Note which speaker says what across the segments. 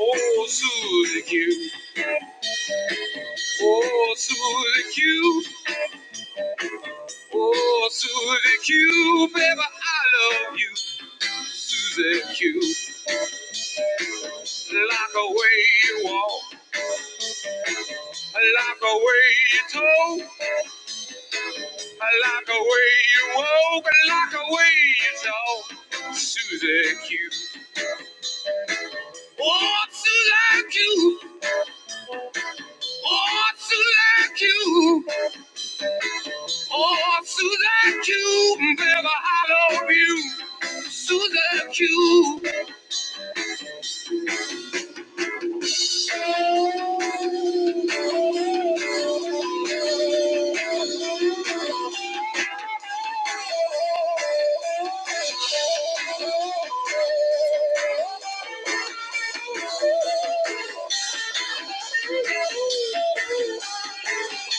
Speaker 1: Oh, Suzy-Q. Oh, Suzy-Q. Oh, Suzy-Q. Baby, I love you. Suzy-Q. Like the way you walk. Like the way you talk. Like the way you walk. Like the way you talk. Suzy-Q. Oh, Suzy-Q. Oh, Suzy-Q. Oh, Susan Q, baby, I love you. Susan Q. I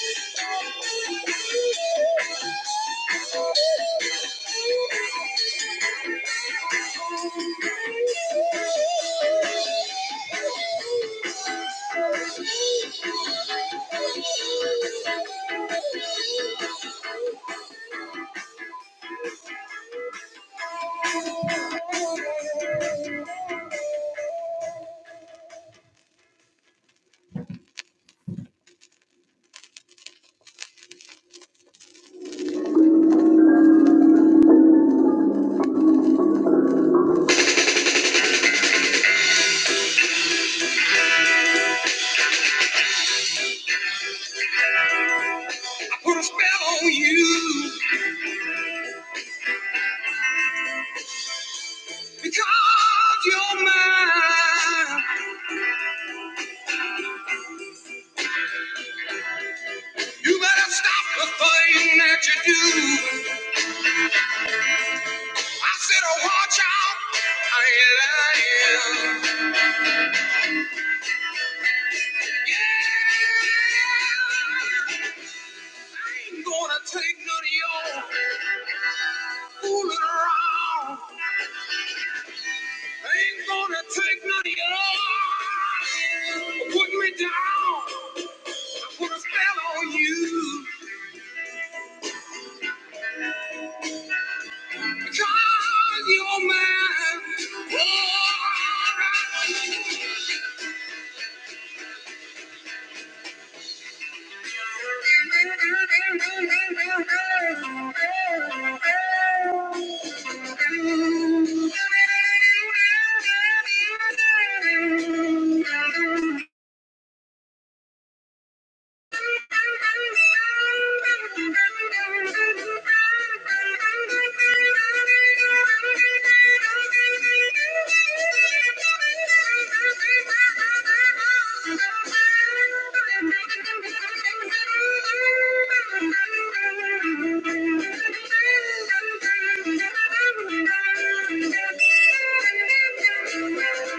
Speaker 1: put a spell on you because you're mine. You better stop the thing that you do. I said, oh, watch out. I ain't lying. Yeah. I ain't gonna take none of y'all fooling around. I ain't gonna take none of y'all putting me down. I put a spell on you because you're mine. Oh, Thank you.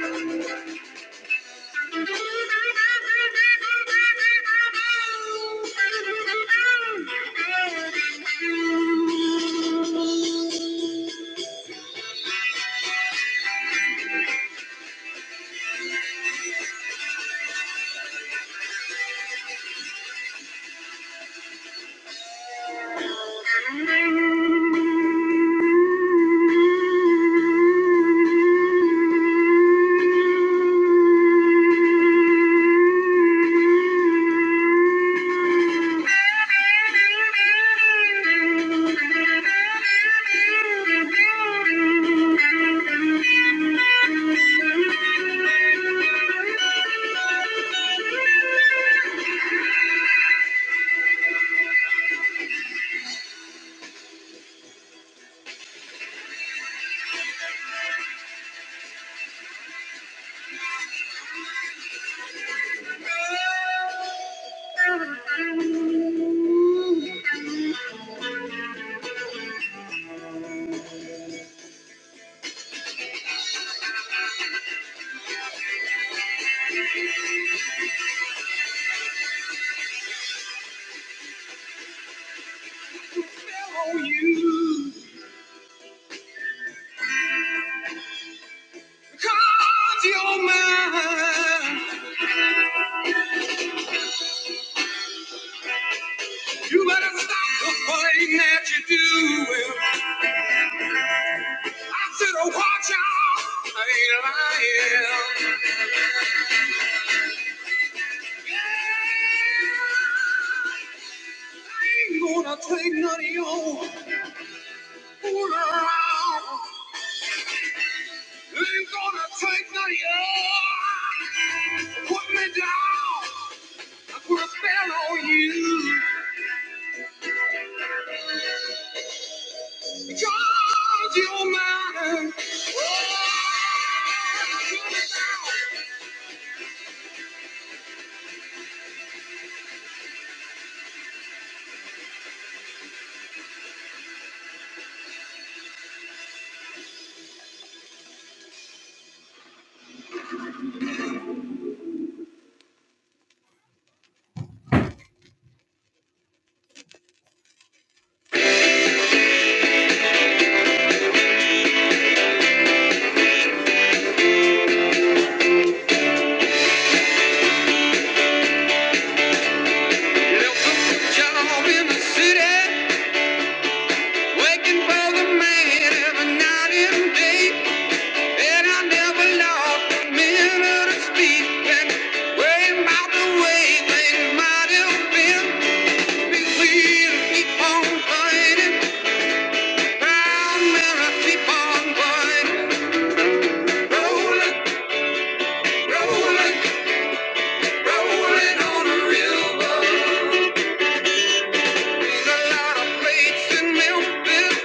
Speaker 1: Thank you. Thank you. You better stop fighting that you do. I said, oh, watch out. I ain't lying. Ain't gonna take none of your Ain't gonna take none put me down. Put a spell on you. Because you're mine. Left a job in the city. working for the man every night and day. And I never lost a minute of speech. And worrying about the way things might have been. Be clear, keep on fighting. Proud man, I keep on fighting. Rolling, rolling, rolling on the river. There's a lot of plates in Memphis,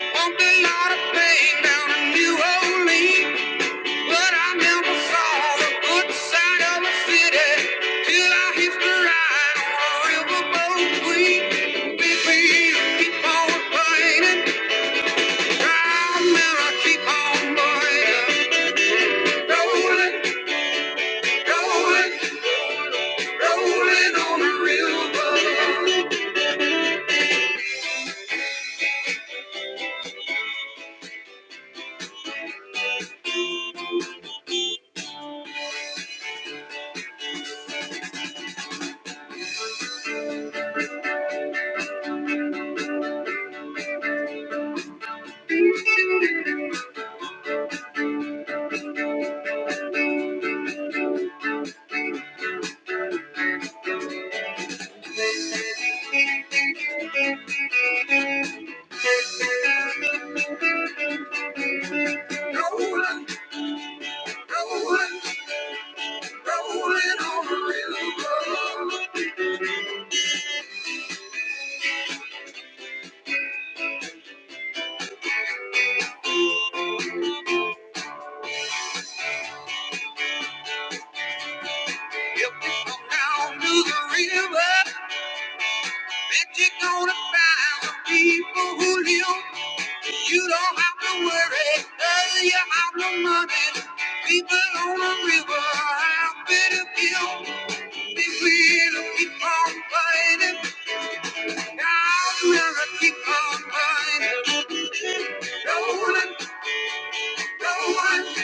Speaker 1: walked a lot of pain down in New Orleans, but I never saw the good side of the city till I hitched a ride on a riverboat queen. Big wheels keep on burning, round man I keep on rolling, rolling, rolling on the river, rolling, rolling, rolling on the river. If you go down to the river, bet you're gonna find some people who live. You don't have to worry 'cause you have no money. People on the river have better feel. This river keep on burning, down the river keep on burning. Rolling, rolling,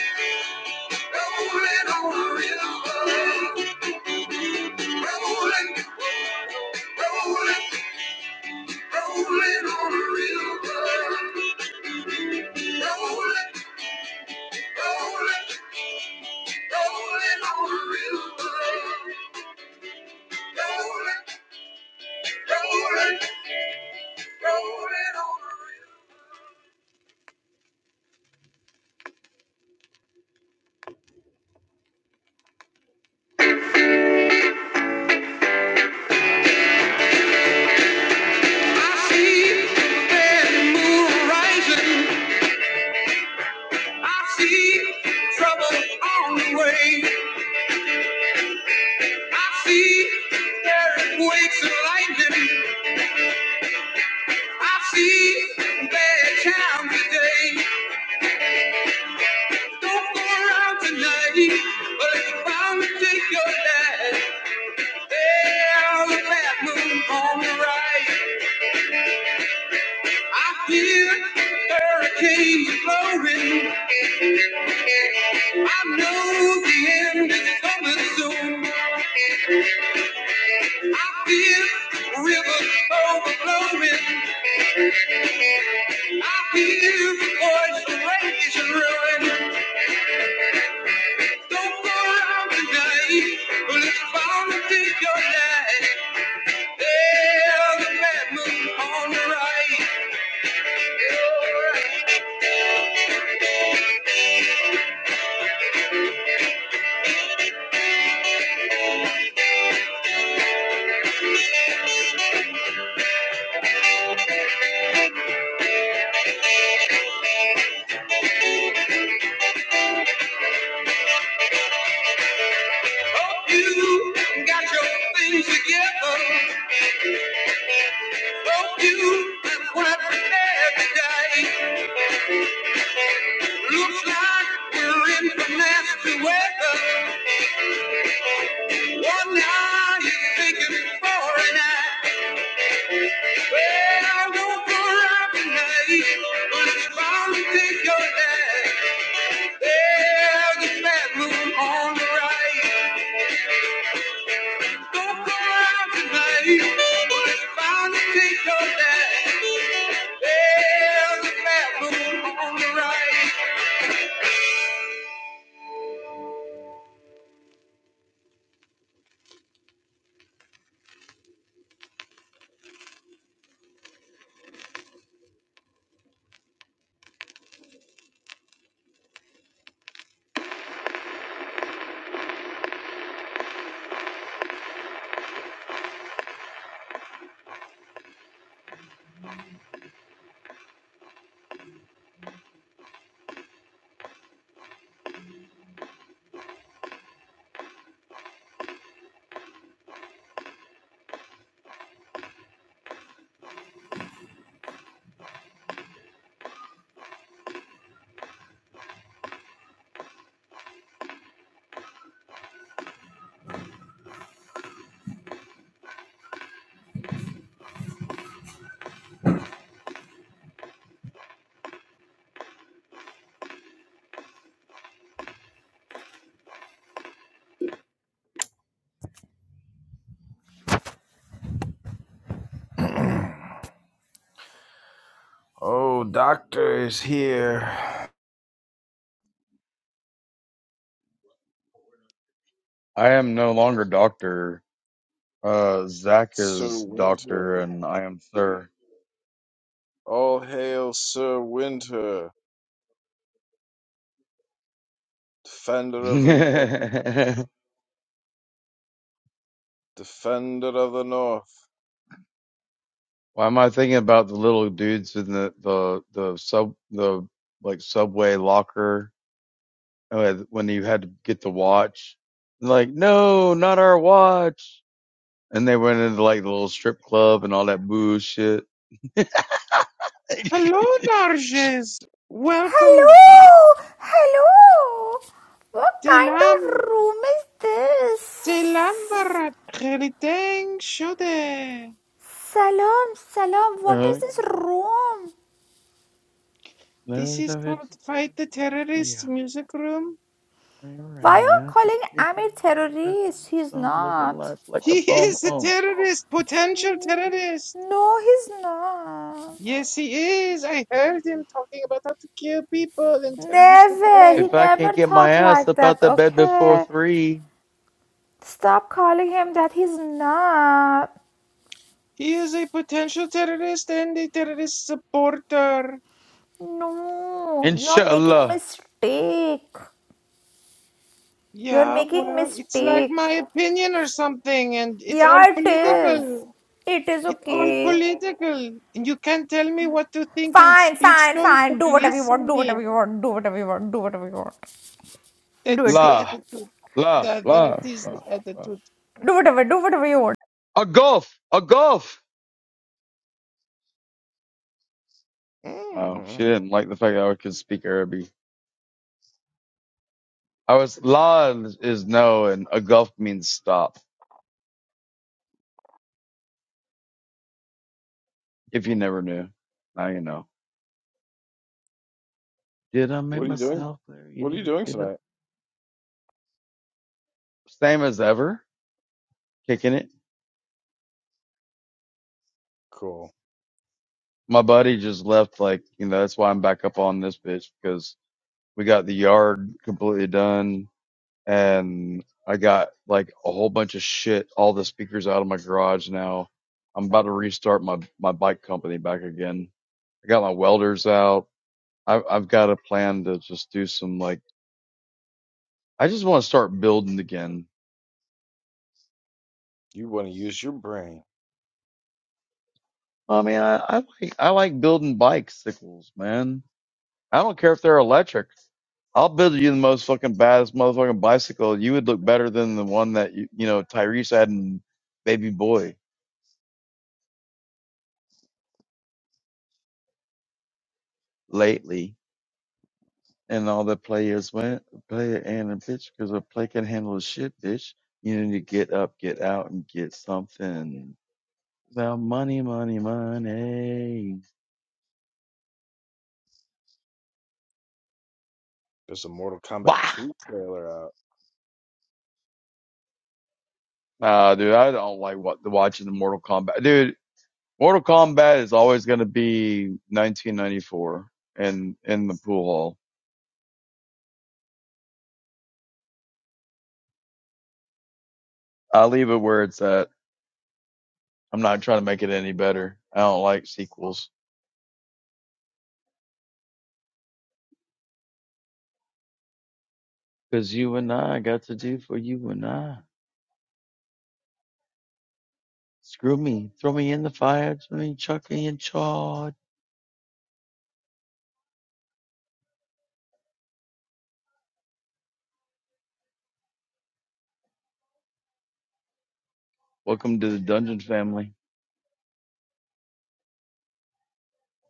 Speaker 1: rolling on the river. Rolling, rolling, rolling on the river. I see bad moon rising. I see trouble on the way. I see earthquakes and lightning. I see bad times today. Don't go tonight, but it's bound to take your life. Down in that moon on the right, I feel hurricanes blowing. I know the end is coming soon. I feel rivers overflowing. I feel ocean roaring. Don't go around tonight, but it's bound to take your life. There's a bad moon on the right. Hope you got your things together. You and what every day looks like you're in the nasty weather. One eye is thinking for an eye. Well, don't go robbing me, but it's bound to take your head. There's a bad moon on the right. Don't go robbing me, but it's bound to take your head. There's a bad moon on the right.
Speaker 2: I am no longer doctor. Uh, Zach is doctor, and I am sir. Why am I thinking about the little dudes in the the the sub the like subway locker uh, when you had to get the watch? Like, no, not our watch. And they went into like the little strip club and all that bullshit.
Speaker 1: Hello, Narges. Welcome.
Speaker 3: Hello, hello. What kind of
Speaker 1: Telam,
Speaker 3: room is this?
Speaker 1: Telambarat, Geriteng Shode.
Speaker 3: Salam, salam. What is
Speaker 2: Uh,
Speaker 3: this
Speaker 2: no,
Speaker 3: room?
Speaker 1: This
Speaker 2: no,
Speaker 1: is
Speaker 2: no, it's,
Speaker 1: called
Speaker 2: it's been
Speaker 1: Fight the
Speaker 2: a fun- Yeah.
Speaker 1: Terrorist Music Room.
Speaker 2: Bring
Speaker 3: Why are
Speaker 2: around
Speaker 3: you
Speaker 2: now. Just
Speaker 3: calling
Speaker 2: me found
Speaker 3: Amir
Speaker 2: my adjusted
Speaker 3: terrorist?
Speaker 2: me
Speaker 3: He's
Speaker 2: song, living
Speaker 3: not.
Speaker 2: life like a
Speaker 1: He
Speaker 2: bum
Speaker 1: is a
Speaker 2: um.
Speaker 1: terrorist, potential
Speaker 3: Mm,
Speaker 1: terrorist.
Speaker 3: No, he's not.
Speaker 1: Yes, he is. I heard him talking about how to kill people in terrorist
Speaker 3: Never.
Speaker 1: attack.
Speaker 3: He
Speaker 2: If I
Speaker 3: never
Speaker 2: can't get my
Speaker 3: talk
Speaker 2: ass
Speaker 3: like
Speaker 2: up out
Speaker 3: that.
Speaker 2: the bed before
Speaker 3: Okay.
Speaker 2: three,
Speaker 3: Stop calling him that. He's not.
Speaker 1: He is a potential terrorist and a terrorist supporter.
Speaker 3: No, you're making
Speaker 2: inshallah,
Speaker 3: mistake. You're
Speaker 1: Yeah,
Speaker 3: making
Speaker 1: well, it's like
Speaker 3: mistake.
Speaker 1: my opinion or something, and it's
Speaker 3: Yeah,
Speaker 1: all
Speaker 3: it is.
Speaker 1: political.
Speaker 3: It is
Speaker 1: It's all
Speaker 3: okay.
Speaker 1: political. And you can't tell me what to think in
Speaker 3: Fine,
Speaker 1: speech.
Speaker 3: fine,
Speaker 1: Don't
Speaker 3: fine. Do whatever you
Speaker 1: police
Speaker 3: want. Do
Speaker 1: me.
Speaker 3: whatever you want. Do whatever you want. Do whatever you want. Do it,
Speaker 1: That's
Speaker 3: do
Speaker 1: the
Speaker 3: it.
Speaker 2: la,
Speaker 1: attitude.
Speaker 2: la,
Speaker 1: That that
Speaker 2: la,
Speaker 1: is
Speaker 2: la,
Speaker 1: the
Speaker 2: la.
Speaker 1: attitude.
Speaker 3: Do whatever. Do whatever you want.
Speaker 2: A golf, a golf. Oh, she didn't like the fact that I could speak Arabic. I was, la is is no, and a golf means stop. If you never knew, now you know. Did I make myself clear? You need to get up. Same as ever, kicking it. my buddy just left like you know that's why i'm back up on this bitch because we got the yard completely done and i got like a whole bunch of shit all the speakers out of my garage now i'm about to restart my my bike company back again i got my welders out i've, I've got a plan to just do some like i just want to start building again i mean i, I like i like building bicycles man i don't care if they're electric I'll build you the most fucking baddest motherfucking bicycle. You would look better than the one that you, you know Tyrese had in Baby Boy lately, and all the players went play it and a bitch because a play can handle the shit, bitch. You need to get up, get out, and get something. Well, money, money, money. Bah! Nah, dude, I don't like what watching the Mortal Kombat. Dude, Mortal Kombat is always gonna be 1994 and in in the pool hall. I leave it where it's at. I'm not trying to make it any better. I don't like sequels. Cause you and I got to do for you and I. Screw me. Throw me in the fire. Throw me chuck me in charge. Welcome to the dungeon family.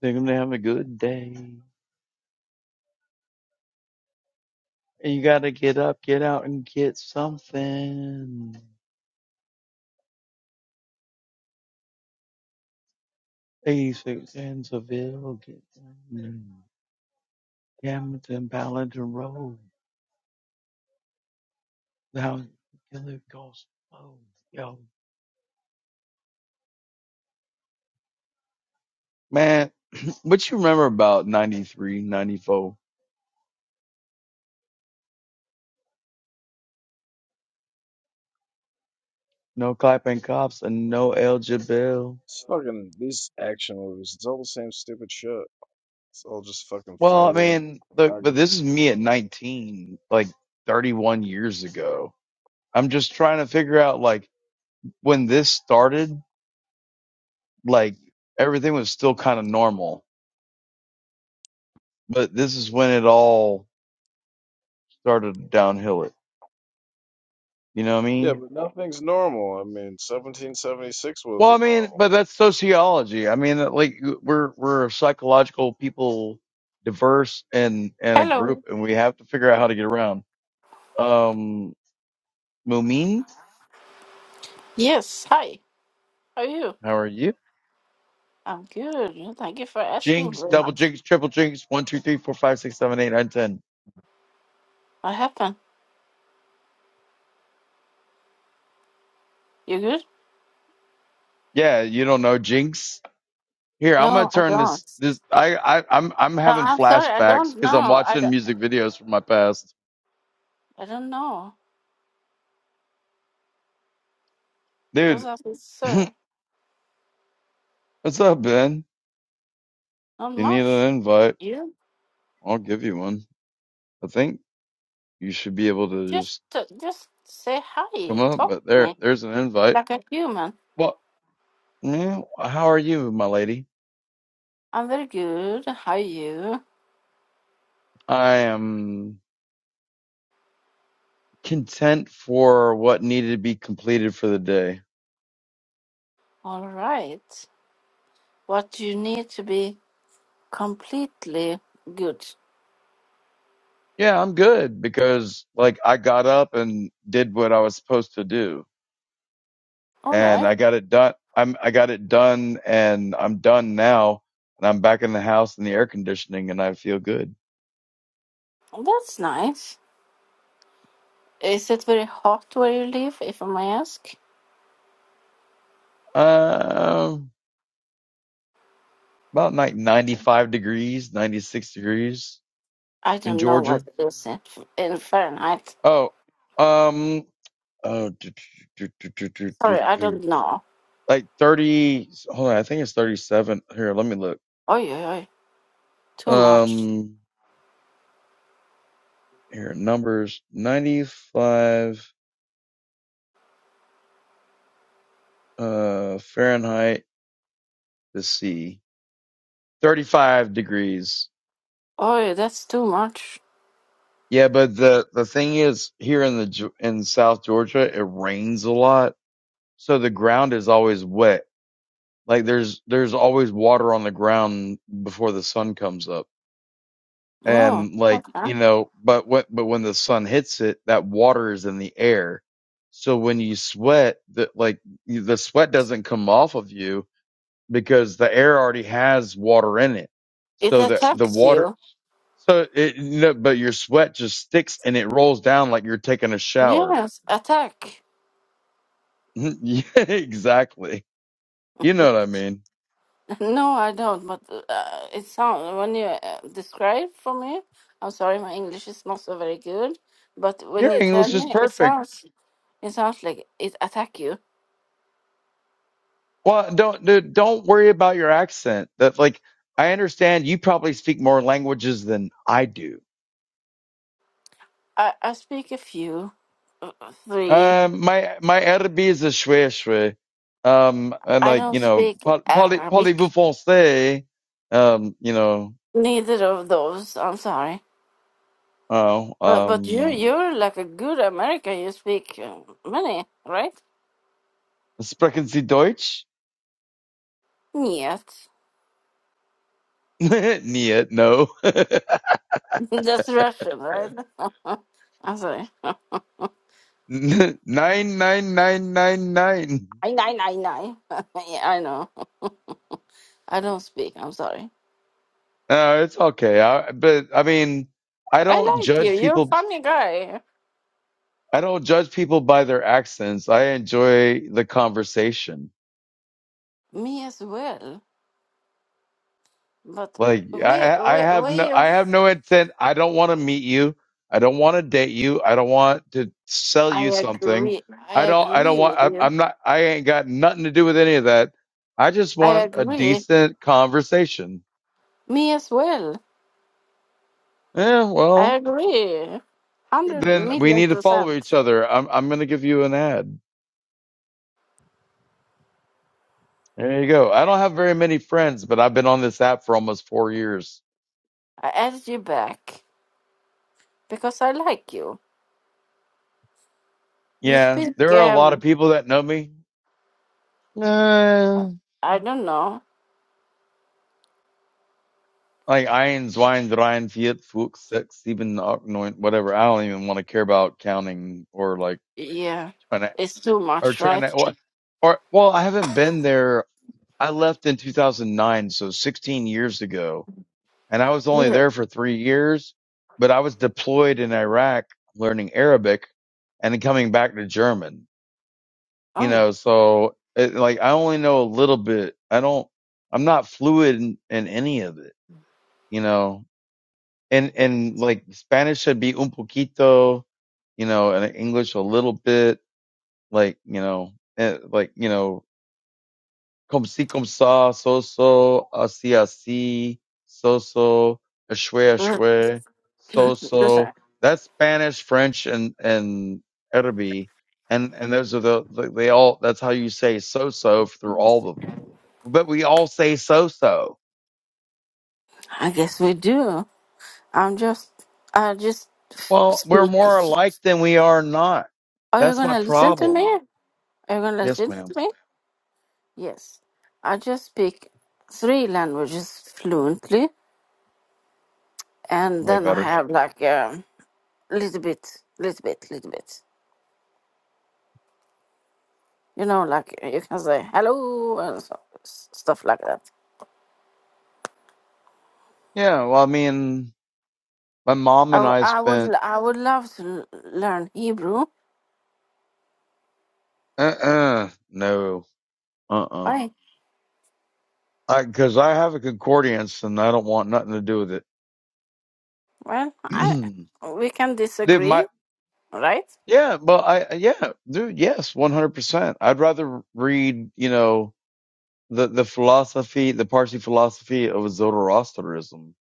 Speaker 2: They're gonna have a good day. And you gotta get up, get out and get something. 86 in Seville, get down. Hamilton, Paladin Road. Now, killer ghost. Oh, yo. Man, what you remember about 93, 94? No clapping cops and no eligible. Well, I mean, look, but this is me at 19, like 31 years ago. I'm just trying to figure out, like, when this started, like, everything was still kind of normal, but this is when it all started downhill. It, you know what I mean? Well, I mean, but that's sociology. I mean, like, we're, we're psychological people, diverse and, and a group,
Speaker 4: Hello.
Speaker 2: and we have to figure out how to get around. Um, Mumin?
Speaker 4: Yes. Hi. How are you?
Speaker 2: How are you?
Speaker 4: I'm good. Yeah, Thank you for asking
Speaker 2: Jinx,
Speaker 4: very
Speaker 2: double
Speaker 4: much.
Speaker 2: jinx, triple jinx, one, two, three, four, five, six, seven, eight, nine, ten.
Speaker 4: What happened? You good?
Speaker 2: Yeah, you don't know jinx. Here, I'm gonna
Speaker 4: No, I
Speaker 2: turn this.
Speaker 4: don't.
Speaker 2: This I, I I'm I'm
Speaker 4: No,
Speaker 2: having
Speaker 4: I'm sorry. I
Speaker 2: flashbacks
Speaker 4: don't
Speaker 2: because I'm
Speaker 4: know. I
Speaker 2: watching
Speaker 4: don't,
Speaker 2: music videos from my past.
Speaker 4: I don't know. What's
Speaker 2: Dude,
Speaker 4: up, sir?
Speaker 2: what's up, Ben?
Speaker 4: Not
Speaker 2: If you need
Speaker 4: much.
Speaker 2: an invite,
Speaker 4: You
Speaker 2: I'll give you one. I think you should be able to
Speaker 4: just
Speaker 2: just
Speaker 4: uh, just say
Speaker 2: come
Speaker 4: hi.
Speaker 2: up.
Speaker 4: Talk
Speaker 2: But
Speaker 4: to
Speaker 2: there,
Speaker 4: me
Speaker 2: there's an invite.
Speaker 4: like a human.
Speaker 2: Well, yeah, how are you, my lady?
Speaker 4: I'm very good. How are you?
Speaker 2: I am content for what needed to be completed for the day.
Speaker 4: All right. What you need to be completely good.
Speaker 2: Yeah, I'm good because like I got up and did what I was supposed to do
Speaker 4: All
Speaker 2: and
Speaker 4: right.
Speaker 2: I got it done. I'm, I got it done and I'm done now and I'm back in the house in the air conditioning and I feel good.
Speaker 4: That's nice. Is it very hot where you live, if I may ask?
Speaker 2: Um, about like 95 degrees, 96 degrees
Speaker 4: I
Speaker 2: in
Speaker 4: don't know what
Speaker 2: Georgia.
Speaker 4: it is in, in Fahrenheit.
Speaker 2: Oh, um, oh, do, do, do, do, do, do,
Speaker 4: Sorry, I
Speaker 2: do.
Speaker 4: don't know.
Speaker 2: like 30, hold on. I think it's 37 here. Let me look.
Speaker 4: Oi, oi, oi. Too much.
Speaker 2: Um, here numbers 95 uh fahrenheit to C, 35 degrees
Speaker 4: Oi, that's too much.
Speaker 2: yeah but the the thing is here in the in south georgia it rains a lot so the ground is always wet like there's there's always water on the ground before the sun comes up
Speaker 4: Oh,
Speaker 2: and like
Speaker 4: okay.
Speaker 2: you know but what but when the sun hits it that water is in the air so when you sweat the like the sweat doesn't come off of you because the air already has water in it.
Speaker 4: It
Speaker 2: So the, the
Speaker 4: attacks
Speaker 2: water,
Speaker 4: you.
Speaker 2: so it, no, but your sweat just sticks and it rolls down like you're taking a shower.
Speaker 4: Yes, attack.
Speaker 2: yeah, exactly. You know what I mean?
Speaker 4: No, I don't, but uh, it sounds, when you uh, describe for me, I'm sorry, my English is not so very good, but when
Speaker 2: Your
Speaker 4: you tell
Speaker 2: English is
Speaker 4: me, it
Speaker 2: perfect.
Speaker 4: sounds, it sounds like it attack you.
Speaker 2: Well, don't, dude, don't worry about your accent. That like, I understand you probably speak more languages than I do.
Speaker 4: I, I speak a few, uh, three.
Speaker 2: Um, my, my Arabi is a shwe shwe. Um, and
Speaker 4: I
Speaker 2: like,
Speaker 4: don't
Speaker 2: you know,
Speaker 4: speak
Speaker 2: par- parlez, parlez-vous
Speaker 4: Arabic.
Speaker 2: français? Um, you know,
Speaker 4: Neither of those. I'm sorry.
Speaker 2: Oh,
Speaker 4: But but you
Speaker 2: um,
Speaker 4: you're like a good American. You speak uh, many, right?
Speaker 2: sprechen Sie Deutsch?
Speaker 4: Yes.
Speaker 2: Nee, no.
Speaker 4: That's Russian, right? I'm sorry.
Speaker 2: Nein, nein, nein, nein, nein.
Speaker 4: I nine nine nine. Yeah, I know. I don't speak. I'm sorry.
Speaker 2: No, it's okay. I, but I mean, I
Speaker 4: I
Speaker 2: don't
Speaker 4: like you.
Speaker 2: judge
Speaker 4: You're a
Speaker 2: people.
Speaker 4: funny guy.
Speaker 2: I don't judge people by their accents. I enjoy the conversation.
Speaker 4: Me as well. But
Speaker 2: Like
Speaker 4: where
Speaker 2: I, I
Speaker 4: where
Speaker 2: have
Speaker 4: where
Speaker 2: no, I
Speaker 4: you?
Speaker 2: have no intent. I don't want to meet you. I don't want to date you. I don't want to sell
Speaker 4: I
Speaker 2: you something.
Speaker 4: agree. I
Speaker 2: I don't, I don't
Speaker 4: agree
Speaker 2: want.
Speaker 4: with
Speaker 2: I,
Speaker 4: you.
Speaker 2: I'm not. I ain't got nothing to do with any of that. I just
Speaker 4: I
Speaker 2: want a
Speaker 4: agree.
Speaker 2: decent conversation.
Speaker 4: Me as well.
Speaker 2: Yeah,
Speaker 4: I
Speaker 2: well,
Speaker 4: agree. 100
Speaker 2: then we
Speaker 4: million
Speaker 2: need to follow
Speaker 4: percent.
Speaker 2: each other. I'm, I'm gonna give you an ad. There you go. I don't have very many friends, but I've been on this app for almost four years.
Speaker 4: I added you back because I like you. You
Speaker 2: Yeah,
Speaker 4: speak,
Speaker 2: there are a lot of
Speaker 4: um,
Speaker 2: people that know me. Eh,
Speaker 4: I don't know.
Speaker 2: Like eins, weins, rein, vier, fünf, six, seven, acht, neun, whatever. I don't even want to care about counting or like
Speaker 4: Yeah,
Speaker 2: trying to,
Speaker 4: it's too
Speaker 2: or
Speaker 4: much,
Speaker 2: trying
Speaker 4: right?
Speaker 2: to, or, or, well, I haven't been there. I left in 2009, so 16 years ago, and I was only
Speaker 4: Yeah.
Speaker 2: there for three years, but I was deployed in Iraq learning Arabic and then coming back to German, you
Speaker 4: Oh,
Speaker 2: know, so it, like I only know a little bit. I don't, I'm not fluid in, in any of it, you know. and and like Spanish should be un poquito, you know, and English a little bit, like you know, eh, like you know, como si, como sa, so so, así así, so so, ashwe
Speaker 4: yeah.
Speaker 2: ashwe, so
Speaker 4: Listen,
Speaker 2: so. That's Spanish, French, and and Arabic, and and those are the the- they all. That's how you say so so through all of them. But we all say so so.
Speaker 4: I guess we do. I'm just, I just
Speaker 2: Well, we're
Speaker 4: speak.
Speaker 2: more alike than we are not.
Speaker 4: Are you
Speaker 2: That's my
Speaker 4: gonna listen to me?
Speaker 2: problem.
Speaker 4: Are you gonna
Speaker 2: Yes,
Speaker 4: listen
Speaker 2: ma'am.
Speaker 4: to me? Yes. I just speak three languages fluently, and
Speaker 2: Way
Speaker 4: then I
Speaker 2: better.
Speaker 4: have like, um little bit, little bit, little bit. You know, like eh, you can say hello and so, s- stuff like that.
Speaker 2: Yeah, well, I mean, my mom
Speaker 4: I,
Speaker 2: and
Speaker 4: w-
Speaker 2: I
Speaker 4: I would
Speaker 2: spent,
Speaker 4: l- I would love to l- learn Hebrew.
Speaker 2: uh-uh, no, uh-uh.
Speaker 4: Why?
Speaker 2: I, cause I have a concordance and I don't want nothing to do with it.
Speaker 4: Well, I we can
Speaker 2: Dude, my,
Speaker 4: disagree, right?
Speaker 2: yeah, well, I, yeah, dude, yes, 100%. I'd rather read, you know, the, the philosophy, the Parsi philosophy of Zoroastrianism.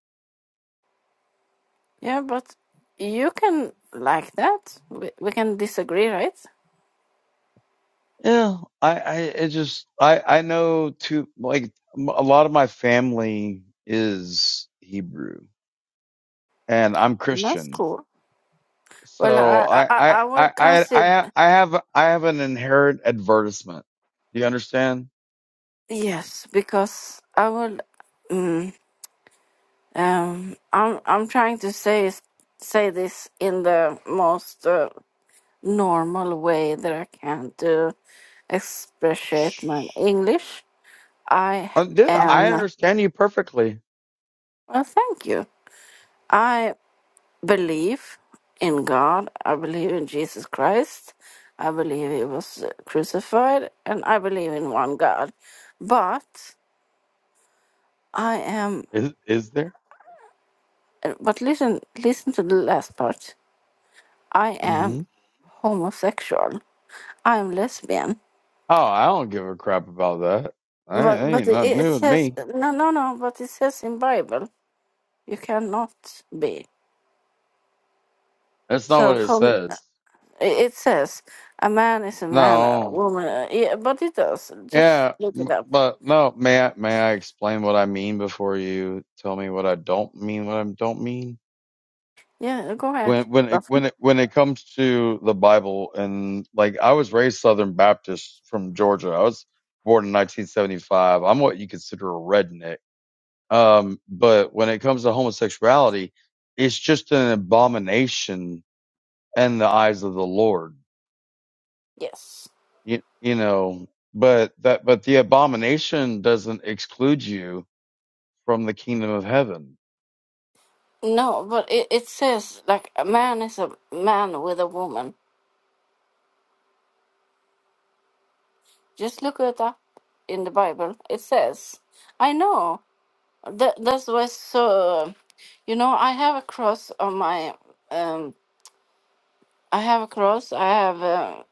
Speaker 4: Yeah, but you can like that. We, we can disagree, right?
Speaker 2: Yeah, I, I, it just, I, I know too, like, m- a lot of my family is Hebrew and I'm
Speaker 4: That's
Speaker 2: Christian.
Speaker 4: cool. Well,
Speaker 2: So
Speaker 4: I I,
Speaker 2: I,
Speaker 4: I
Speaker 2: I,
Speaker 4: I will
Speaker 2: I, I,
Speaker 4: consider
Speaker 2: I I have, I have an inherent advertisement. Do you understand?
Speaker 4: yes because I will. Mm, um, I'm I'm trying to say say this in the most. uh, normal way that I can to express
Speaker 2: Shh.
Speaker 4: my English. I
Speaker 2: Uh, dude,
Speaker 4: am,
Speaker 2: I
Speaker 4: well,
Speaker 2: understand you perfectly.
Speaker 4: thank you. I believe in God. I believe in Jesus Christ. I believe he was crucified and I believe in one God. But I am,
Speaker 2: Is, is there?
Speaker 4: but listen, listen to the last part. I am
Speaker 2: hmm
Speaker 4: homosexual. I am lesbian.
Speaker 2: Oh, I don't give a crap about that. I, that
Speaker 4: But, but
Speaker 2: ain't
Speaker 4: it
Speaker 2: nothing
Speaker 4: it
Speaker 2: new in
Speaker 4: says,
Speaker 2: me.
Speaker 4: no, no, no, but it says in Bible. You cannot be.
Speaker 2: That's not
Speaker 4: So
Speaker 2: what it
Speaker 4: from
Speaker 2: says.
Speaker 4: it says a man is a man, a
Speaker 2: No.
Speaker 4: woman. uh, Yeah, but it does. Just
Speaker 2: Yeah,
Speaker 4: look it
Speaker 2: m-
Speaker 4: up.
Speaker 2: but no, may I, may I explain what I mean before you tell me what I don't mean, what I don't mean?
Speaker 4: Yeah, go ahead.
Speaker 2: when when it,
Speaker 4: Daphne.
Speaker 2: when it when it comes to the Bible and like I was raised Southern Baptist from Georgia. I was born in 1975. I'm what you consider a redneck. Um, but when it comes to homosexuality, it's just an abomination in the eyes of the Lord.
Speaker 4: Yes.
Speaker 2: You, you know, but that but the abomination doesn't exclude you from the kingdom of heaven.
Speaker 4: No, but it, it says like a man is a man with a woman. Just look it up in the Bible. It says, I know. That that's why. So you know, I have a cross on my. Um, I have a cross. I have uh,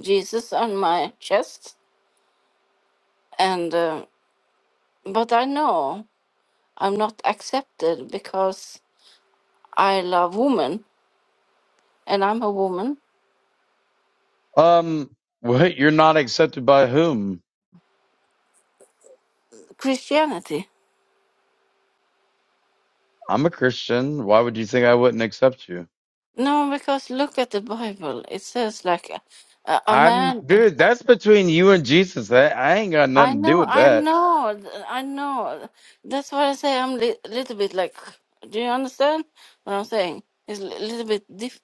Speaker 4: Jesus on my chest, and. uh, but I know I'm not accepted because I love women and I'm a woman.
Speaker 2: Um, what you're not accepted by whom?
Speaker 4: Christianity.
Speaker 2: I'm a Christian. Why would you think I wouldn't accept you?
Speaker 4: No, because look at the Bible. It says like a, a
Speaker 2: I'm
Speaker 4: man.
Speaker 2: dude. That's between you and Jesus. That I ain't got
Speaker 4: I
Speaker 2: nothing to do
Speaker 4: know,
Speaker 2: with
Speaker 4: I
Speaker 2: that.
Speaker 4: know, th- I know. That's why I say I'm a li- little bit like. Do you understand what I'm saying? It's a little bit diff-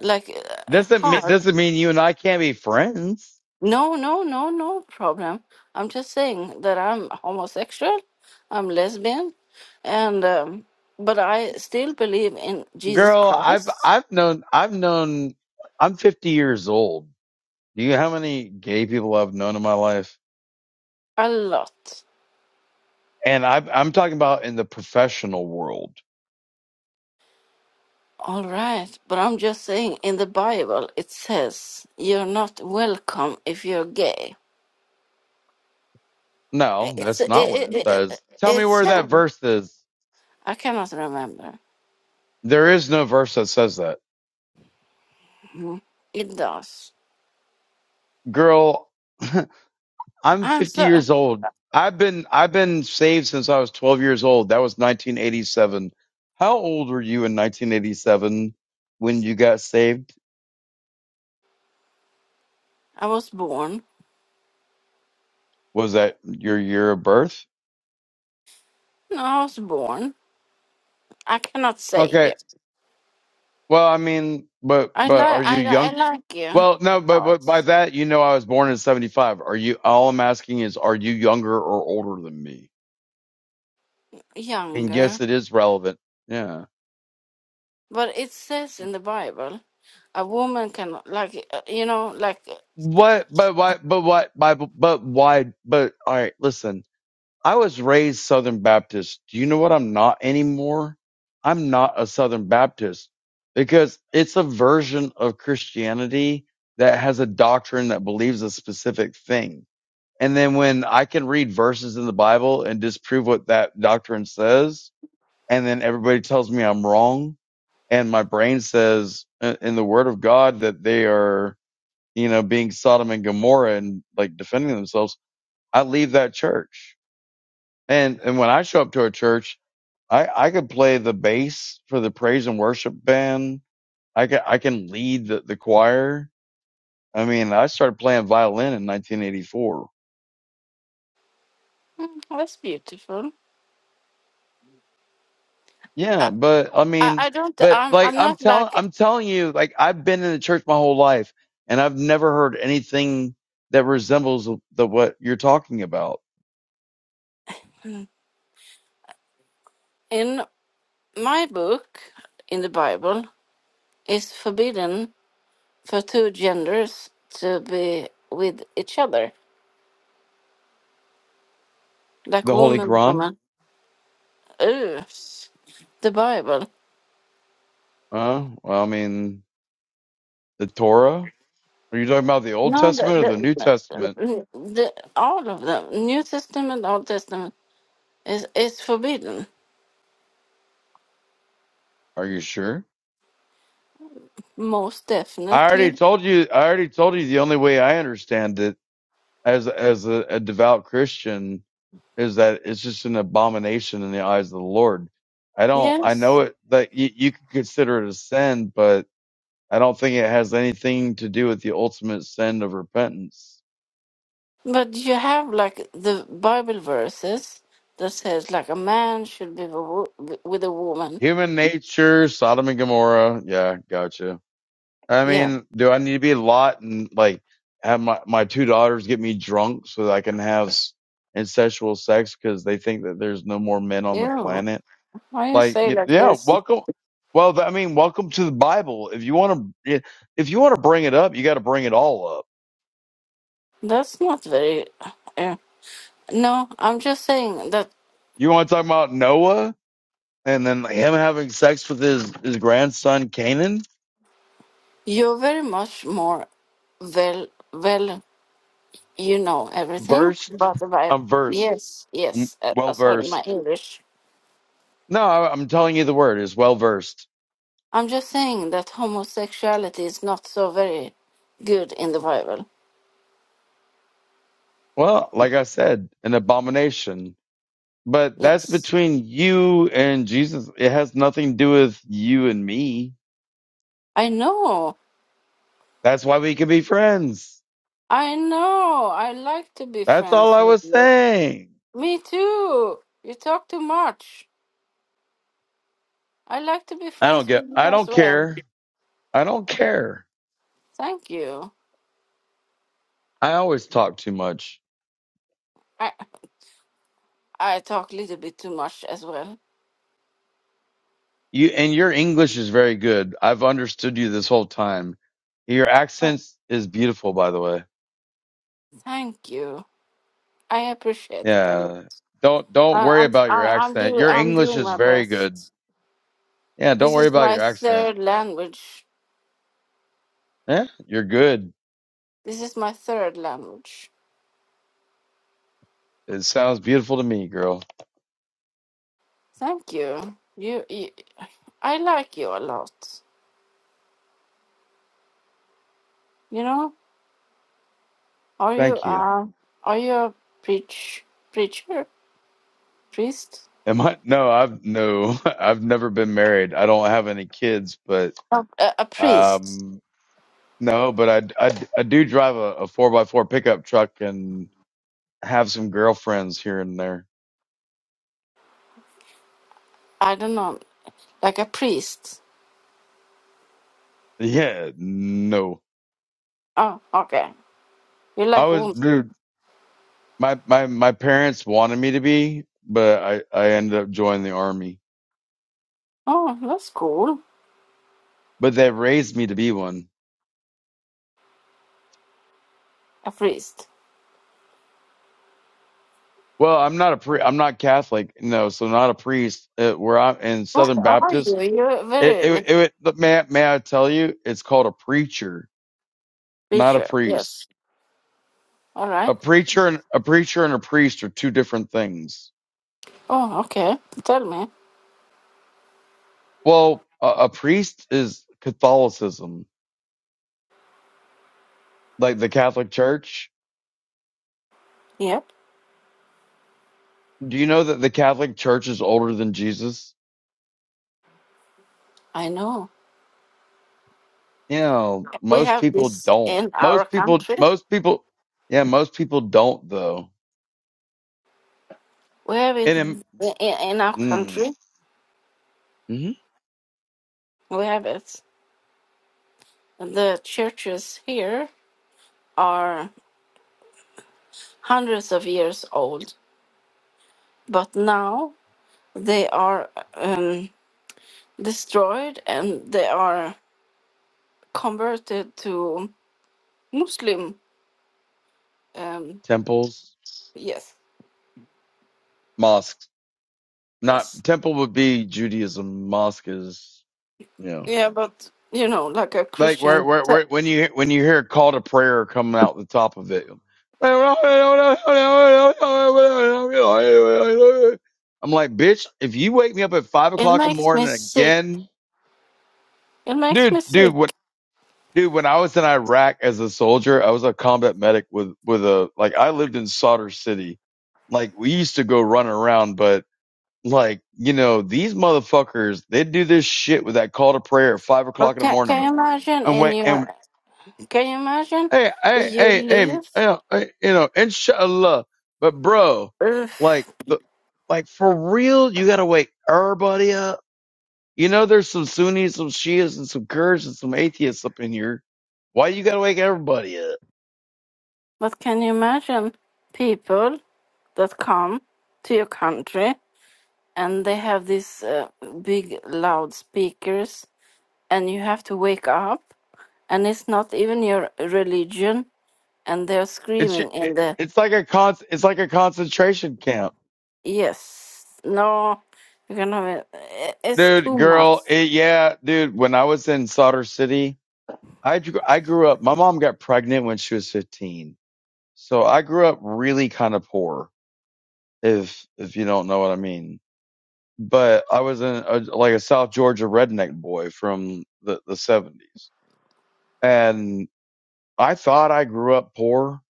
Speaker 4: like uh,
Speaker 2: Doesn't me-
Speaker 4: hard.
Speaker 2: doesn't mean you and I can't be friends,
Speaker 4: No, no, no, no problem. I'm just saying that I'm homosexual, I'm lesbian, and um, but I still believe in Jesus
Speaker 2: girl. I've
Speaker 4: Christ
Speaker 2: I've known I've known I'm 50 years old. Do you know how many gay people I've known in my life?
Speaker 4: a lot.
Speaker 2: And I've, I'm talking about in the professional world.
Speaker 4: All right, but I'm just saying in the Bible it says you're not welcome if you're gay.
Speaker 2: No,
Speaker 4: It's
Speaker 2: that's
Speaker 4: it,
Speaker 2: not what
Speaker 4: it,
Speaker 2: it says.
Speaker 4: it,
Speaker 2: Tell me
Speaker 4: it's
Speaker 2: where that verse is.
Speaker 4: I cannot remember.
Speaker 2: There is no verse that says that,
Speaker 4: Mhm. It does.
Speaker 2: girl. I'm
Speaker 4: I'm
Speaker 2: 50
Speaker 4: so
Speaker 2: years old. I've been I've been saved since I was 12 years old. That was 1987. How old were you in 1987 when you got saved?
Speaker 4: I was born.
Speaker 2: Was that your year of birth?
Speaker 4: No, I was born. I cannot say
Speaker 2: Okay. Well, I mean, but
Speaker 4: I
Speaker 2: but are
Speaker 4: like
Speaker 2: you
Speaker 4: I, li- I
Speaker 2: young?
Speaker 4: like you a
Speaker 2: Well, no, but
Speaker 4: lot
Speaker 2: but by that you know I was born in 75. Are you? All I'm asking is, are you younger or older than me? And
Speaker 4: younger,
Speaker 2: yes, it is relevant. Yeah.
Speaker 4: but it says in the Bible a woman can like uh, you know like uh,
Speaker 2: What? But why? But why? But but why? But all right. Listen. I was raised Southern Baptist. Do you know what I'm not anymore? I'm not a Southern Baptist because it's a version of Christianity that has a doctrine that believes a specific thing. And then when I can read verses in the Bible and disprove what that doctrine says, and then everybody tells me I'm wrong, and my brain says uh, in the Word of God that they are, you know, being Sodom and Gomorrah and like defending themselves, I leave that church and and when I show up to a church, I I could play the bass for the praise and worship band. I can I can lead the, the choir. I mean, I started playing violin in 1984.
Speaker 4: "Oh, that's beautiful.
Speaker 2: Yeah,
Speaker 4: I,
Speaker 2: but I
Speaker 4: I
Speaker 2: mean,
Speaker 4: I don't
Speaker 2: but
Speaker 4: I'm
Speaker 2: like
Speaker 4: I'm
Speaker 2: I'm
Speaker 4: not
Speaker 2: telling
Speaker 4: like
Speaker 2: I'm telling you, like I've been in the church my whole life, and I've never heard anything that resembles the what you're talking about.
Speaker 4: in my book in the Bible it's forbidden for two genders to be with each other like
Speaker 2: The Holy
Speaker 4: woman
Speaker 2: Quran.
Speaker 4: woman. Ugh, the Bible.
Speaker 2: Uh, well, I mean, the Torah. Are you talking about the Old
Speaker 4: No, the,
Speaker 2: Testament or the New
Speaker 4: the,
Speaker 2: Testament?
Speaker 4: the, the all of them, New Testament, Old Testament. It's, it's forbidden,
Speaker 2: Are you sure?
Speaker 4: most
Speaker 2: I already
Speaker 4: definitely.
Speaker 2: told you. I already told you the only way I understand it as as a, a devout Christian is that it's just an abomination in the eyes of the Lord. I don't. I
Speaker 4: Yes.
Speaker 2: know it that you, you could consider it a sin, but I don't think it has anything to do with the ultimate sin of repentance.
Speaker 4: But you have like the Bible verses that says like a man should be with a wo- with a woman.
Speaker 2: Human nature, Sodom and Gomorrah. Yeah, gotcha. I
Speaker 4: Yeah.
Speaker 2: mean, do I need to be a lot and like have my, my two daughters get me drunk so that I can have s- incestual sex because they think that there's no more men on the
Speaker 4: Yeah.
Speaker 2: planet?
Speaker 4: Why you
Speaker 2: Like,
Speaker 4: say
Speaker 2: y-
Speaker 4: like
Speaker 2: yeah,
Speaker 4: this?
Speaker 2: welcome. Well, th- I mean, welcome to the Bible. If you want to, if you want to bring it up, you got to bring it all up.
Speaker 4: That's not very. Uh, no, I'm just saying that
Speaker 2: You want to talk about Noah and then him having sex with his his grandson Canaan?
Speaker 4: you're very much more well well you know everything
Speaker 2: Versed,
Speaker 4: about the Bible.
Speaker 2: I'm versed,
Speaker 4: Yes.
Speaker 2: I'm
Speaker 4: Yes. Uh, uh,
Speaker 2: well
Speaker 4: sorry,
Speaker 2: versed.
Speaker 4: my English.
Speaker 2: No, I- I'm telling you the word is well versed.
Speaker 4: I'm just saying that homosexuality is not so very good in the Bible.
Speaker 2: Well, like I said, an abomination. But that's
Speaker 4: Yes.
Speaker 2: between you and Jesus. It has nothing to do with you and me.
Speaker 4: I know.
Speaker 2: That's why we can be friends.
Speaker 4: I know. I like to be
Speaker 2: That's all
Speaker 4: friends
Speaker 2: I
Speaker 4: with
Speaker 2: was
Speaker 4: you.
Speaker 2: saying.
Speaker 4: Me too. You talk too much. I like to be
Speaker 2: I don't
Speaker 4: friends
Speaker 2: get
Speaker 4: with you
Speaker 2: I
Speaker 4: as
Speaker 2: don't
Speaker 4: well.
Speaker 2: care. I don't care.
Speaker 4: Thank you.
Speaker 2: I always talk too much.
Speaker 4: I I talk a little bit too much as well.
Speaker 2: You and your English is very good. I've understood you this whole time. Your
Speaker 4: Oh,
Speaker 2: accent is beautiful by the way.
Speaker 4: Thank you. I appreciate it. I, lo-
Speaker 2: Yeah. Don't don't
Speaker 4: I-
Speaker 2: worry
Speaker 4: I'm
Speaker 2: about your
Speaker 4: I, I'm
Speaker 2: accent.
Speaker 4: doing
Speaker 2: Your
Speaker 4: I'm
Speaker 2: English
Speaker 4: doing
Speaker 2: is
Speaker 4: my
Speaker 2: very good.
Speaker 4: best.
Speaker 2: Yeah, don't
Speaker 4: This
Speaker 2: worry
Speaker 4: is
Speaker 2: about
Speaker 4: my
Speaker 2: your accent.
Speaker 4: third language.
Speaker 2: Eh, you're good.
Speaker 4: This is my third language.
Speaker 2: It sounds beautiful to me, girl.
Speaker 4: Thank you. You, you, I like you a lot. You know, are you
Speaker 2: Thank you.
Speaker 4: uh, are you a preach preacher priest?
Speaker 2: Am I? No, I've no, I've never been married. I don't have any kids, but
Speaker 4: No, a, a priest.
Speaker 2: um, no, but I I, I do drive a, a four by four pickup truck and have some girlfriends here and there.
Speaker 4: I don't know, like a priest.
Speaker 2: Yeah, no,
Speaker 4: Oh, okay. You
Speaker 2: I
Speaker 4: like
Speaker 2: was
Speaker 4: women?
Speaker 2: dude. My my my parents wanted me to be, but I I ended up joining the army.
Speaker 4: Oh, that's cool.
Speaker 2: But they raised me to be one.
Speaker 4: A priest.
Speaker 2: Well, I'm not a pri I'm not Catholic. No, so not a priest. Uh, where I'm in
Speaker 4: What
Speaker 2: Southern
Speaker 4: are
Speaker 2: Baptist,
Speaker 4: you? You're
Speaker 2: it,
Speaker 4: very
Speaker 2: it,
Speaker 4: like
Speaker 2: it, it- may, may I tell you, it's called a preacher, not a
Speaker 4: preacher.
Speaker 2: priest.
Speaker 4: Yes. All right.
Speaker 2: A preacher and a preacher and a priest are two different things.
Speaker 4: Oh, okay. Tell me.
Speaker 2: Well, a, a priest is Catholicism, like the Catholic Church.
Speaker 4: Yep.
Speaker 2: Do you know that the Catholic Church is older than Jesus?
Speaker 4: I know.
Speaker 2: You know,
Speaker 4: We
Speaker 2: most
Speaker 4: have
Speaker 2: people
Speaker 4: this
Speaker 2: don't.
Speaker 4: in our
Speaker 2: Most people,
Speaker 4: country.
Speaker 2: most people, yeah, most people don't though.
Speaker 4: We have it
Speaker 2: And
Speaker 4: in, in our
Speaker 2: in,
Speaker 4: country.
Speaker 2: mm,
Speaker 4: We have it. The churches here are hundreds of years old, but now they are um, destroyed and they are converted to Muslim. Um,
Speaker 2: temples,
Speaker 4: yes,
Speaker 2: mosques. Not
Speaker 4: yes.
Speaker 2: temple would be Judaism. Mosque is you know
Speaker 4: Yeah, but you know, like a
Speaker 2: like where
Speaker 4: Christian.
Speaker 2: where,
Speaker 4: So
Speaker 2: where when you when you hear a call to prayer coming out the top of it. I'm like, bitch, if you wake me up at five
Speaker 4: It
Speaker 2: o'clock in the
Speaker 4: makes me
Speaker 2: morning
Speaker 4: sick.
Speaker 2: again,
Speaker 4: It makes
Speaker 2: dude,
Speaker 4: me
Speaker 2: dude,
Speaker 4: sick.
Speaker 2: what, dude, when I was in Iraq as a soldier, I was a combat medic with, with a, like, I lived in Sadr City. Like, we used to go run around, but Like, you know, these motherfuckers, they do this shit with that call to prayer at five o'clock
Speaker 4: But
Speaker 2: in the
Speaker 4: can, can
Speaker 2: morning
Speaker 4: you imagine
Speaker 2: and
Speaker 4: in
Speaker 2: wait and
Speaker 4: your. Can you imagine
Speaker 2: hey, hey,
Speaker 4: you
Speaker 2: hey, hey, m-
Speaker 4: live.
Speaker 2: you know, hey, you know, inshallah. But bro,
Speaker 4: Ugh.
Speaker 2: like the, like for real, you gotta wake everybody up. You know, there's some Sunnis, some Shias, and some Kurds and some atheists up in here. Why you gotta wake everybody up?
Speaker 4: But can you imagine people? that come to your country and they have these uh, big loudspeakers and you have to wake up and it's not even your religion and they're
Speaker 2: It's
Speaker 4: screaming in the
Speaker 2: it's like a con it's like a concentration camp,
Speaker 4: yes no you can have it. I- it's
Speaker 2: dude,
Speaker 4: too much
Speaker 2: girl. It, yeah, dude. When I was in Solder City, I dr- I grew up. My mom got pregnant when she was 15, so I grew up really kind of poor. If if you don't know what I mean, but I was in a, like a South Georgia redneck boy from the the 70s, and I thought I grew up poor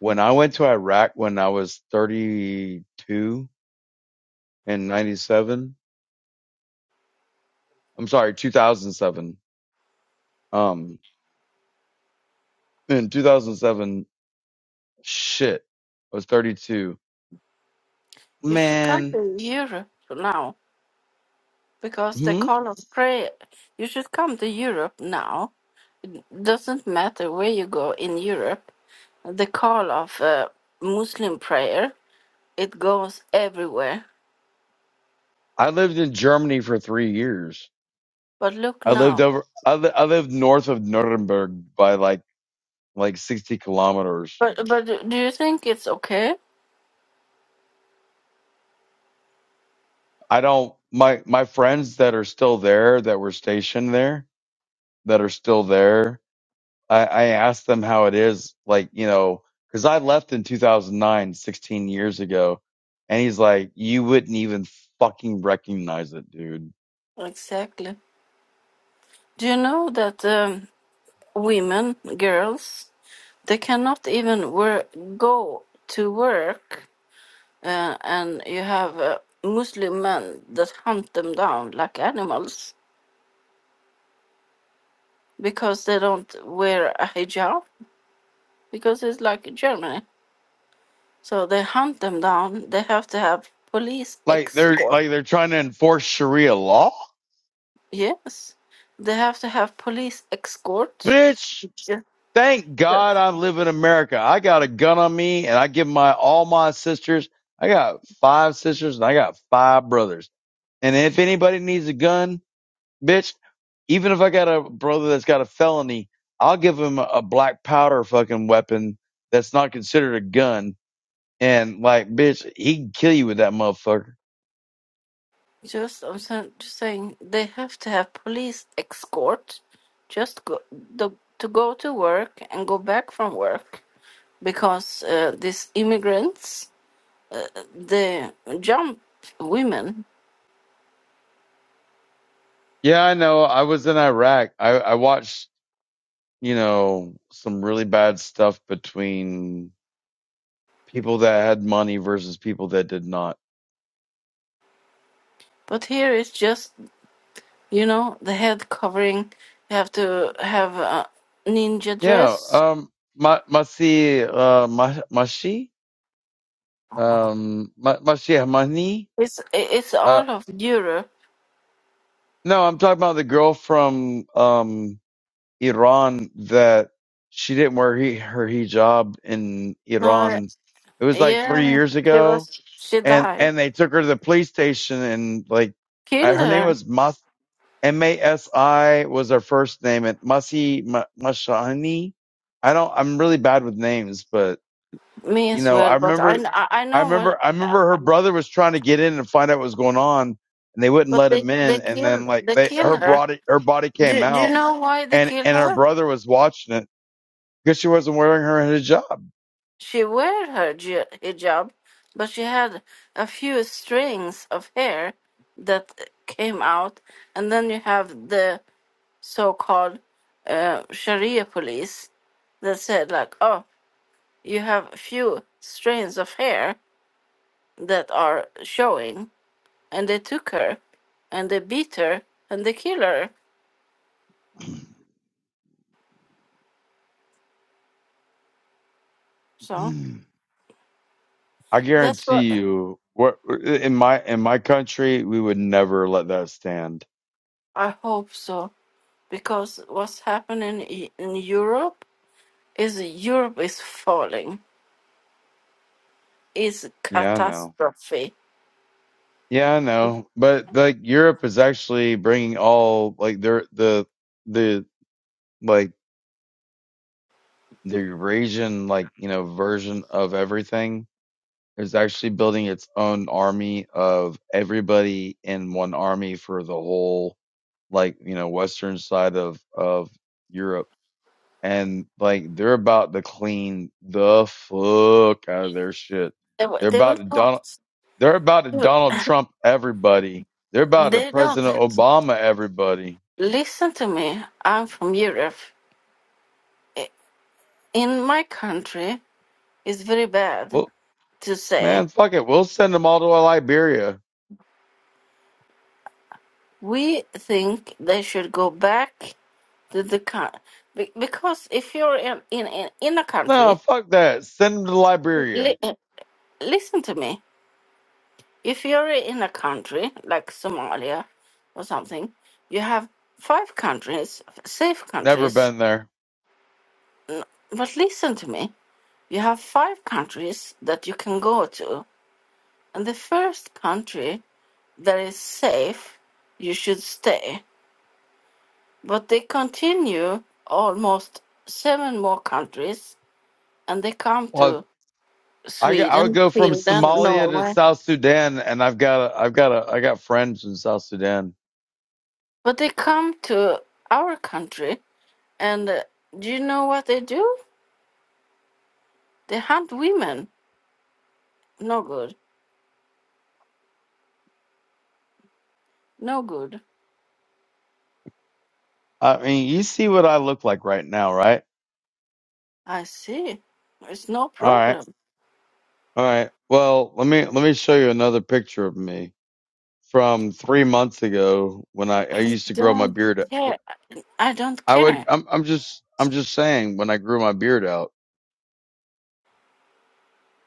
Speaker 2: when I went to Iraq when I was 32 in 97. I'm sorry, 2007. Um, in 2007, shit, I was 32.
Speaker 4: you should come
Speaker 2: Man.
Speaker 4: to europe now because the
Speaker 2: hmm?
Speaker 4: call of prayer you should come to europe now doesn't matter where you go in europe the call of uh, muslim prayer it goes everywhere.
Speaker 2: I lived in Germany for three years.
Speaker 4: But look
Speaker 2: I lived
Speaker 4: now.
Speaker 2: over. I, li- I lived north of Nuremberg by like like sixty kilometers.
Speaker 4: But but do do you think it's okay?
Speaker 2: I don't. My my friends that are still there, that were stationed there, that are still there. I, I asked them how it is, like you know, because I left in 2009, 16 years ago, and he's like, you wouldn't even fucking recognize it, dude.
Speaker 4: Exactly. Do you know that um, women, girls, they cannot even work, go to work, uh, and you have uh, Muslim men that hunt them down like animals because they don't wear a hijab because it's like Germany. So they hunt them down. They have to have police
Speaker 2: Like they're
Speaker 4: escort
Speaker 2: like they're trying to enforce Sharia law,
Speaker 4: Yes, they have to have police escort.
Speaker 2: bitch.
Speaker 4: Just,
Speaker 2: Thank God I live in America. I got a gun on me and I give my all my sisters. I got five sisters and I got five brothers. And if anybody needs a gun, bitch, even if I got a brother that's got a felony, I'll give him a, a black powder fucking weapon that's not considered a gun. And like, bitch, he can kill you with that motherfucker.
Speaker 4: just I'm sa- just saying they have to have police escort, just go the, to go to work and go back from work because uh, these immigrants uh, they jump women.
Speaker 2: Yeah, I know. I was in Iraq. I, I watched, you know, some really bad stuff between people that had money versus people that did not.
Speaker 4: But here it's just you know the head covering. You have to have a ninja
Speaker 2: Yeah,
Speaker 4: dress.
Speaker 2: um, ma masi uh ma mashi um ma mashi Hamani.
Speaker 4: It's it's
Speaker 2: Uh,
Speaker 4: all of Europe.
Speaker 2: no, I'm talking about the girl from um Iran that she didn't wear he, her hijab in
Speaker 4: No,
Speaker 2: Iran. It was like three
Speaker 4: Yeah,
Speaker 2: years
Speaker 4: she
Speaker 2: ago,
Speaker 4: was. She
Speaker 2: and
Speaker 4: died.
Speaker 2: and they took her to the police station and like uh,
Speaker 4: Killed
Speaker 2: her name
Speaker 4: her.
Speaker 2: was Mas. M-A-S-I was her first name and Masi M- Mashani. I don't, I'm really bad with names, but
Speaker 4: Me
Speaker 2: you
Speaker 4: as
Speaker 2: know, I
Speaker 4: well. But I,
Speaker 2: remember,
Speaker 4: I I
Speaker 2: I
Speaker 4: know
Speaker 2: remember,
Speaker 4: what.
Speaker 2: I
Speaker 4: uh,
Speaker 2: remember her brother was trying to get in and find out what was going on and they wouldn't
Speaker 4: But
Speaker 2: let
Speaker 4: they,
Speaker 2: him
Speaker 4: they
Speaker 2: in. And then
Speaker 4: killed.
Speaker 2: like
Speaker 4: They
Speaker 2: they,
Speaker 4: killed
Speaker 2: her
Speaker 4: her.
Speaker 2: body, her body came
Speaker 4: Do Do you
Speaker 2: out
Speaker 4: know why they
Speaker 2: and,
Speaker 4: killed
Speaker 2: and her
Speaker 4: her?
Speaker 2: brother was watching it because she wasn't wearing her hijab.
Speaker 4: She wore her ji- hijab, but she had a few strings of hair that came out, and then you have the so-called uh, Sharia police that said like, oh, you have few strands of hair that are showing. and they took her and they beat her and they kill her. So
Speaker 2: I
Speaker 4: that's what
Speaker 2: guarantee you what in my, in my country, we would never let that stand.
Speaker 4: I hope so because what's happening i- in Europe is Europe is falling. Is
Speaker 2: Yeah, I know.
Speaker 4: catastrophe.
Speaker 2: Yeah, I know, but like Europe is actually bringing all like their the the like the Eurasian like you know version of everything is actually building its own army of everybody in one army for the whole like you know western side of of Europe and like they're about to clean the fuck out of their shit.
Speaker 4: They, wi-
Speaker 2: They're
Speaker 4: they
Speaker 2: about
Speaker 4: will
Speaker 2: to
Speaker 4: not.
Speaker 2: don They're about to
Speaker 4: do it.
Speaker 2: Donald Trump everybody. They're about to
Speaker 4: They don't
Speaker 2: President Obama everybody.
Speaker 4: listen to me. I'm from Europe. I- In my country, it's very bad
Speaker 2: Well,
Speaker 4: to
Speaker 2: man,
Speaker 4: say
Speaker 2: fuck it. We'll send them all to Liberia.
Speaker 4: we think they should go back the, the coun- be- because if you're in in in, in a
Speaker 2: No,
Speaker 4: country
Speaker 2: fuck that. Send them to Liberia.
Speaker 4: li, uh, listen to me if you're in a country like somalia or something you have five countries safe
Speaker 2: Never
Speaker 4: countries
Speaker 2: been there.
Speaker 4: but listen to me you have five countries that you can go to and the first country that is safe you should stay but they continue almost seven more countries and they come
Speaker 2: Well,
Speaker 4: to
Speaker 2: I I would
Speaker 4: Sweden,
Speaker 2: go from
Speaker 4: Finland,
Speaker 2: Somalia to
Speaker 4: Norway.
Speaker 2: South Sudan, and I've got a, I've got a, I got friends in South Sudan.
Speaker 4: But they come to our country, and uh, do you know what they do? They hunt women. No good. No good.
Speaker 2: I mean, you see what I look like right now, right?
Speaker 4: I see. It's no
Speaker 2: All right,
Speaker 4: problem.
Speaker 2: all right. Well, let me let me show you another picture of me from three months ago when I, I
Speaker 4: I
Speaker 2: used to grow my
Speaker 4: don't
Speaker 2: beard.
Speaker 4: care. I don't
Speaker 2: I would.
Speaker 4: care.
Speaker 2: I'm. I'm just. I'm just saying. When I grew my beard out.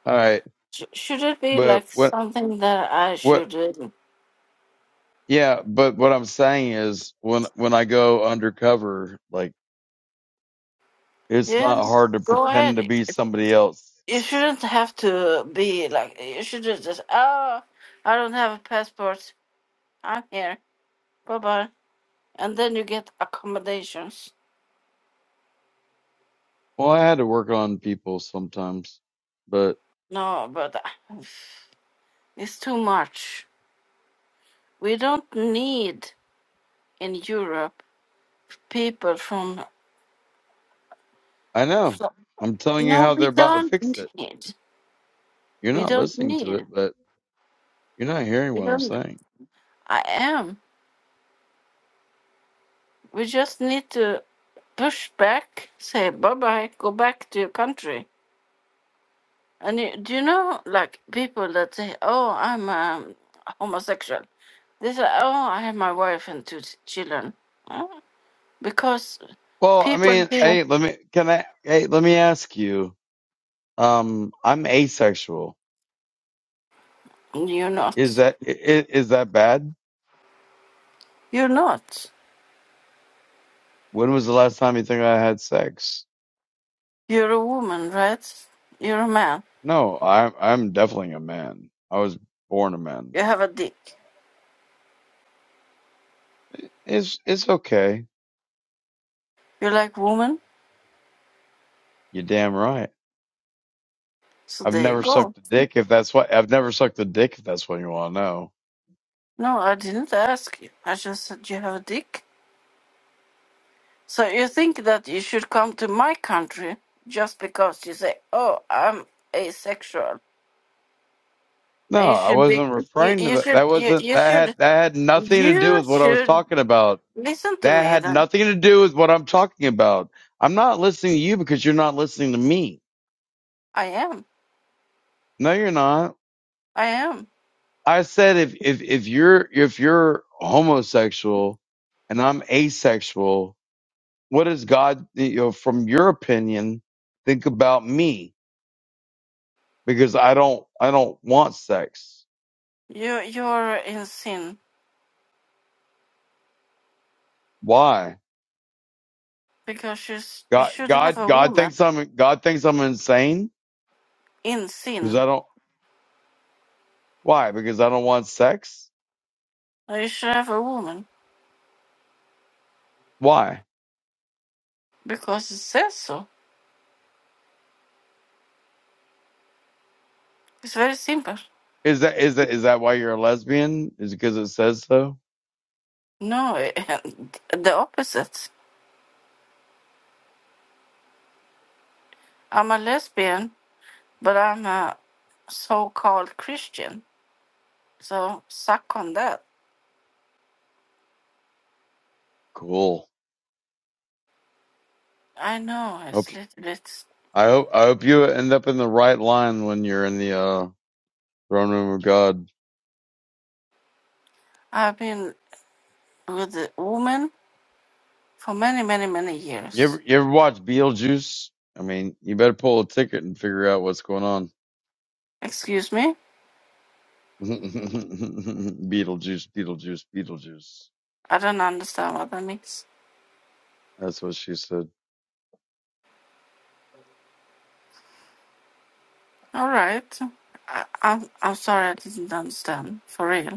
Speaker 2: All right.
Speaker 4: Sh- should it be
Speaker 2: But
Speaker 4: like
Speaker 2: what?
Speaker 4: something that I
Speaker 2: What?
Speaker 4: should? uh,
Speaker 2: Yeah. But what I'm saying is, when when I go undercover, like it's
Speaker 4: yeah.
Speaker 2: not hard to
Speaker 4: Go
Speaker 2: pretend
Speaker 4: ahead.
Speaker 2: to be somebody else.
Speaker 4: You shouldn't have to be like. You should just. Oh, I don't have a passport. I'm here. Bye bye. and then you get accommodations.
Speaker 2: Well, I had to work on people sometimes, but
Speaker 4: No, but uh, it's too much. We don't need in Europe people from.
Speaker 2: I know.
Speaker 4: from
Speaker 2: I'm telling you
Speaker 4: no,
Speaker 2: how they're
Speaker 4: we
Speaker 2: about to
Speaker 4: don't
Speaker 2: fix it.
Speaker 4: need.
Speaker 2: You're
Speaker 4: We
Speaker 2: not
Speaker 4: don't
Speaker 2: listening to
Speaker 4: need.
Speaker 2: it, but you're not hearing
Speaker 4: We
Speaker 2: what I'm
Speaker 4: don't.
Speaker 2: saying.
Speaker 4: I am. We just need to push back, say bye bye, go back to your country. And you, do you know, like people that say, "Oh, I'm um, homosexual." They say, "Oh, I have my wife and two t- children," Huh? because
Speaker 2: Well, I
Speaker 4: people
Speaker 2: mean,
Speaker 4: here
Speaker 2: hey, let me. Can I? Hey, let me ask you. Um, I'm asexual.
Speaker 4: You're
Speaker 2: Is
Speaker 4: not.
Speaker 2: that i- i- is that bad?
Speaker 4: You're not.
Speaker 2: When was the last time you think I had sex?
Speaker 4: You're a woman, right? You're a man.
Speaker 2: No, I'm I'm definitely a man. I was born a man.
Speaker 4: You have a dick.
Speaker 2: It's it's okay.
Speaker 4: You like woman?
Speaker 2: You're damn right.
Speaker 4: So
Speaker 2: I've
Speaker 4: there you
Speaker 2: never
Speaker 4: go.
Speaker 2: sucked a dick if that's what I've never sucked a dick if that's what you want to know.
Speaker 4: No, I didn't ask you. I just said you have a dick. So you think that you should come to my country just because you say, "Oh, I'm asexual,"
Speaker 2: No,
Speaker 4: and you
Speaker 2: I
Speaker 4: should be,
Speaker 2: wasn't
Speaker 4: you,
Speaker 2: referring to
Speaker 4: you
Speaker 2: that.
Speaker 4: should,
Speaker 2: That
Speaker 4: you,
Speaker 2: wasn't
Speaker 4: you
Speaker 2: that
Speaker 4: should,
Speaker 2: had that had nothing to do
Speaker 4: you
Speaker 2: with what I was
Speaker 4: should
Speaker 2: talking about.
Speaker 4: listen to
Speaker 2: That
Speaker 4: me.
Speaker 2: had
Speaker 4: Then
Speaker 2: nothing to do with what I'm talking about. I'm not listening to you because you're not listening to me.
Speaker 4: I am.
Speaker 2: No, you're not.
Speaker 4: I am.
Speaker 2: I said if if if you're if you're homosexual and I'm asexual, what does God you know from your opinion think about me? Because I don't I don't want sex.
Speaker 4: You, you're in sin
Speaker 2: Why?
Speaker 4: because you, s- you
Speaker 2: God
Speaker 4: should have
Speaker 2: God
Speaker 4: a
Speaker 2: God
Speaker 4: woman.
Speaker 2: thinks I'm God thinks I'm insane
Speaker 4: in
Speaker 2: because
Speaker 4: sin
Speaker 2: I don't why? Because I don't want sex?
Speaker 4: I serve a woman
Speaker 2: Why?
Speaker 4: because it says so. It's very simple.
Speaker 2: Is that is that is that why you're a lesbian? Is it because it says so?
Speaker 4: No, the opposite. I'm a lesbian, but I'm a so called Christian. So suck on that.
Speaker 2: Cool.
Speaker 4: I know
Speaker 2: Hope
Speaker 4: it's little bit.
Speaker 2: I hope I hope you end up in the right line when you're in the uh Throne Room of God.
Speaker 4: I've been with a woman for many, many, many
Speaker 2: You
Speaker 4: years.
Speaker 2: ever you ever watch Beetlejuice? I mean, you better pull a ticket and figure out what's going on.
Speaker 4: Excuse me?
Speaker 2: Beetlejuice, Beetlejuice, Beetlejuice.
Speaker 4: I don't understand what that means.
Speaker 2: That's what she said.
Speaker 4: All right. I, I'm, I'm sorry I didn't understand. For real.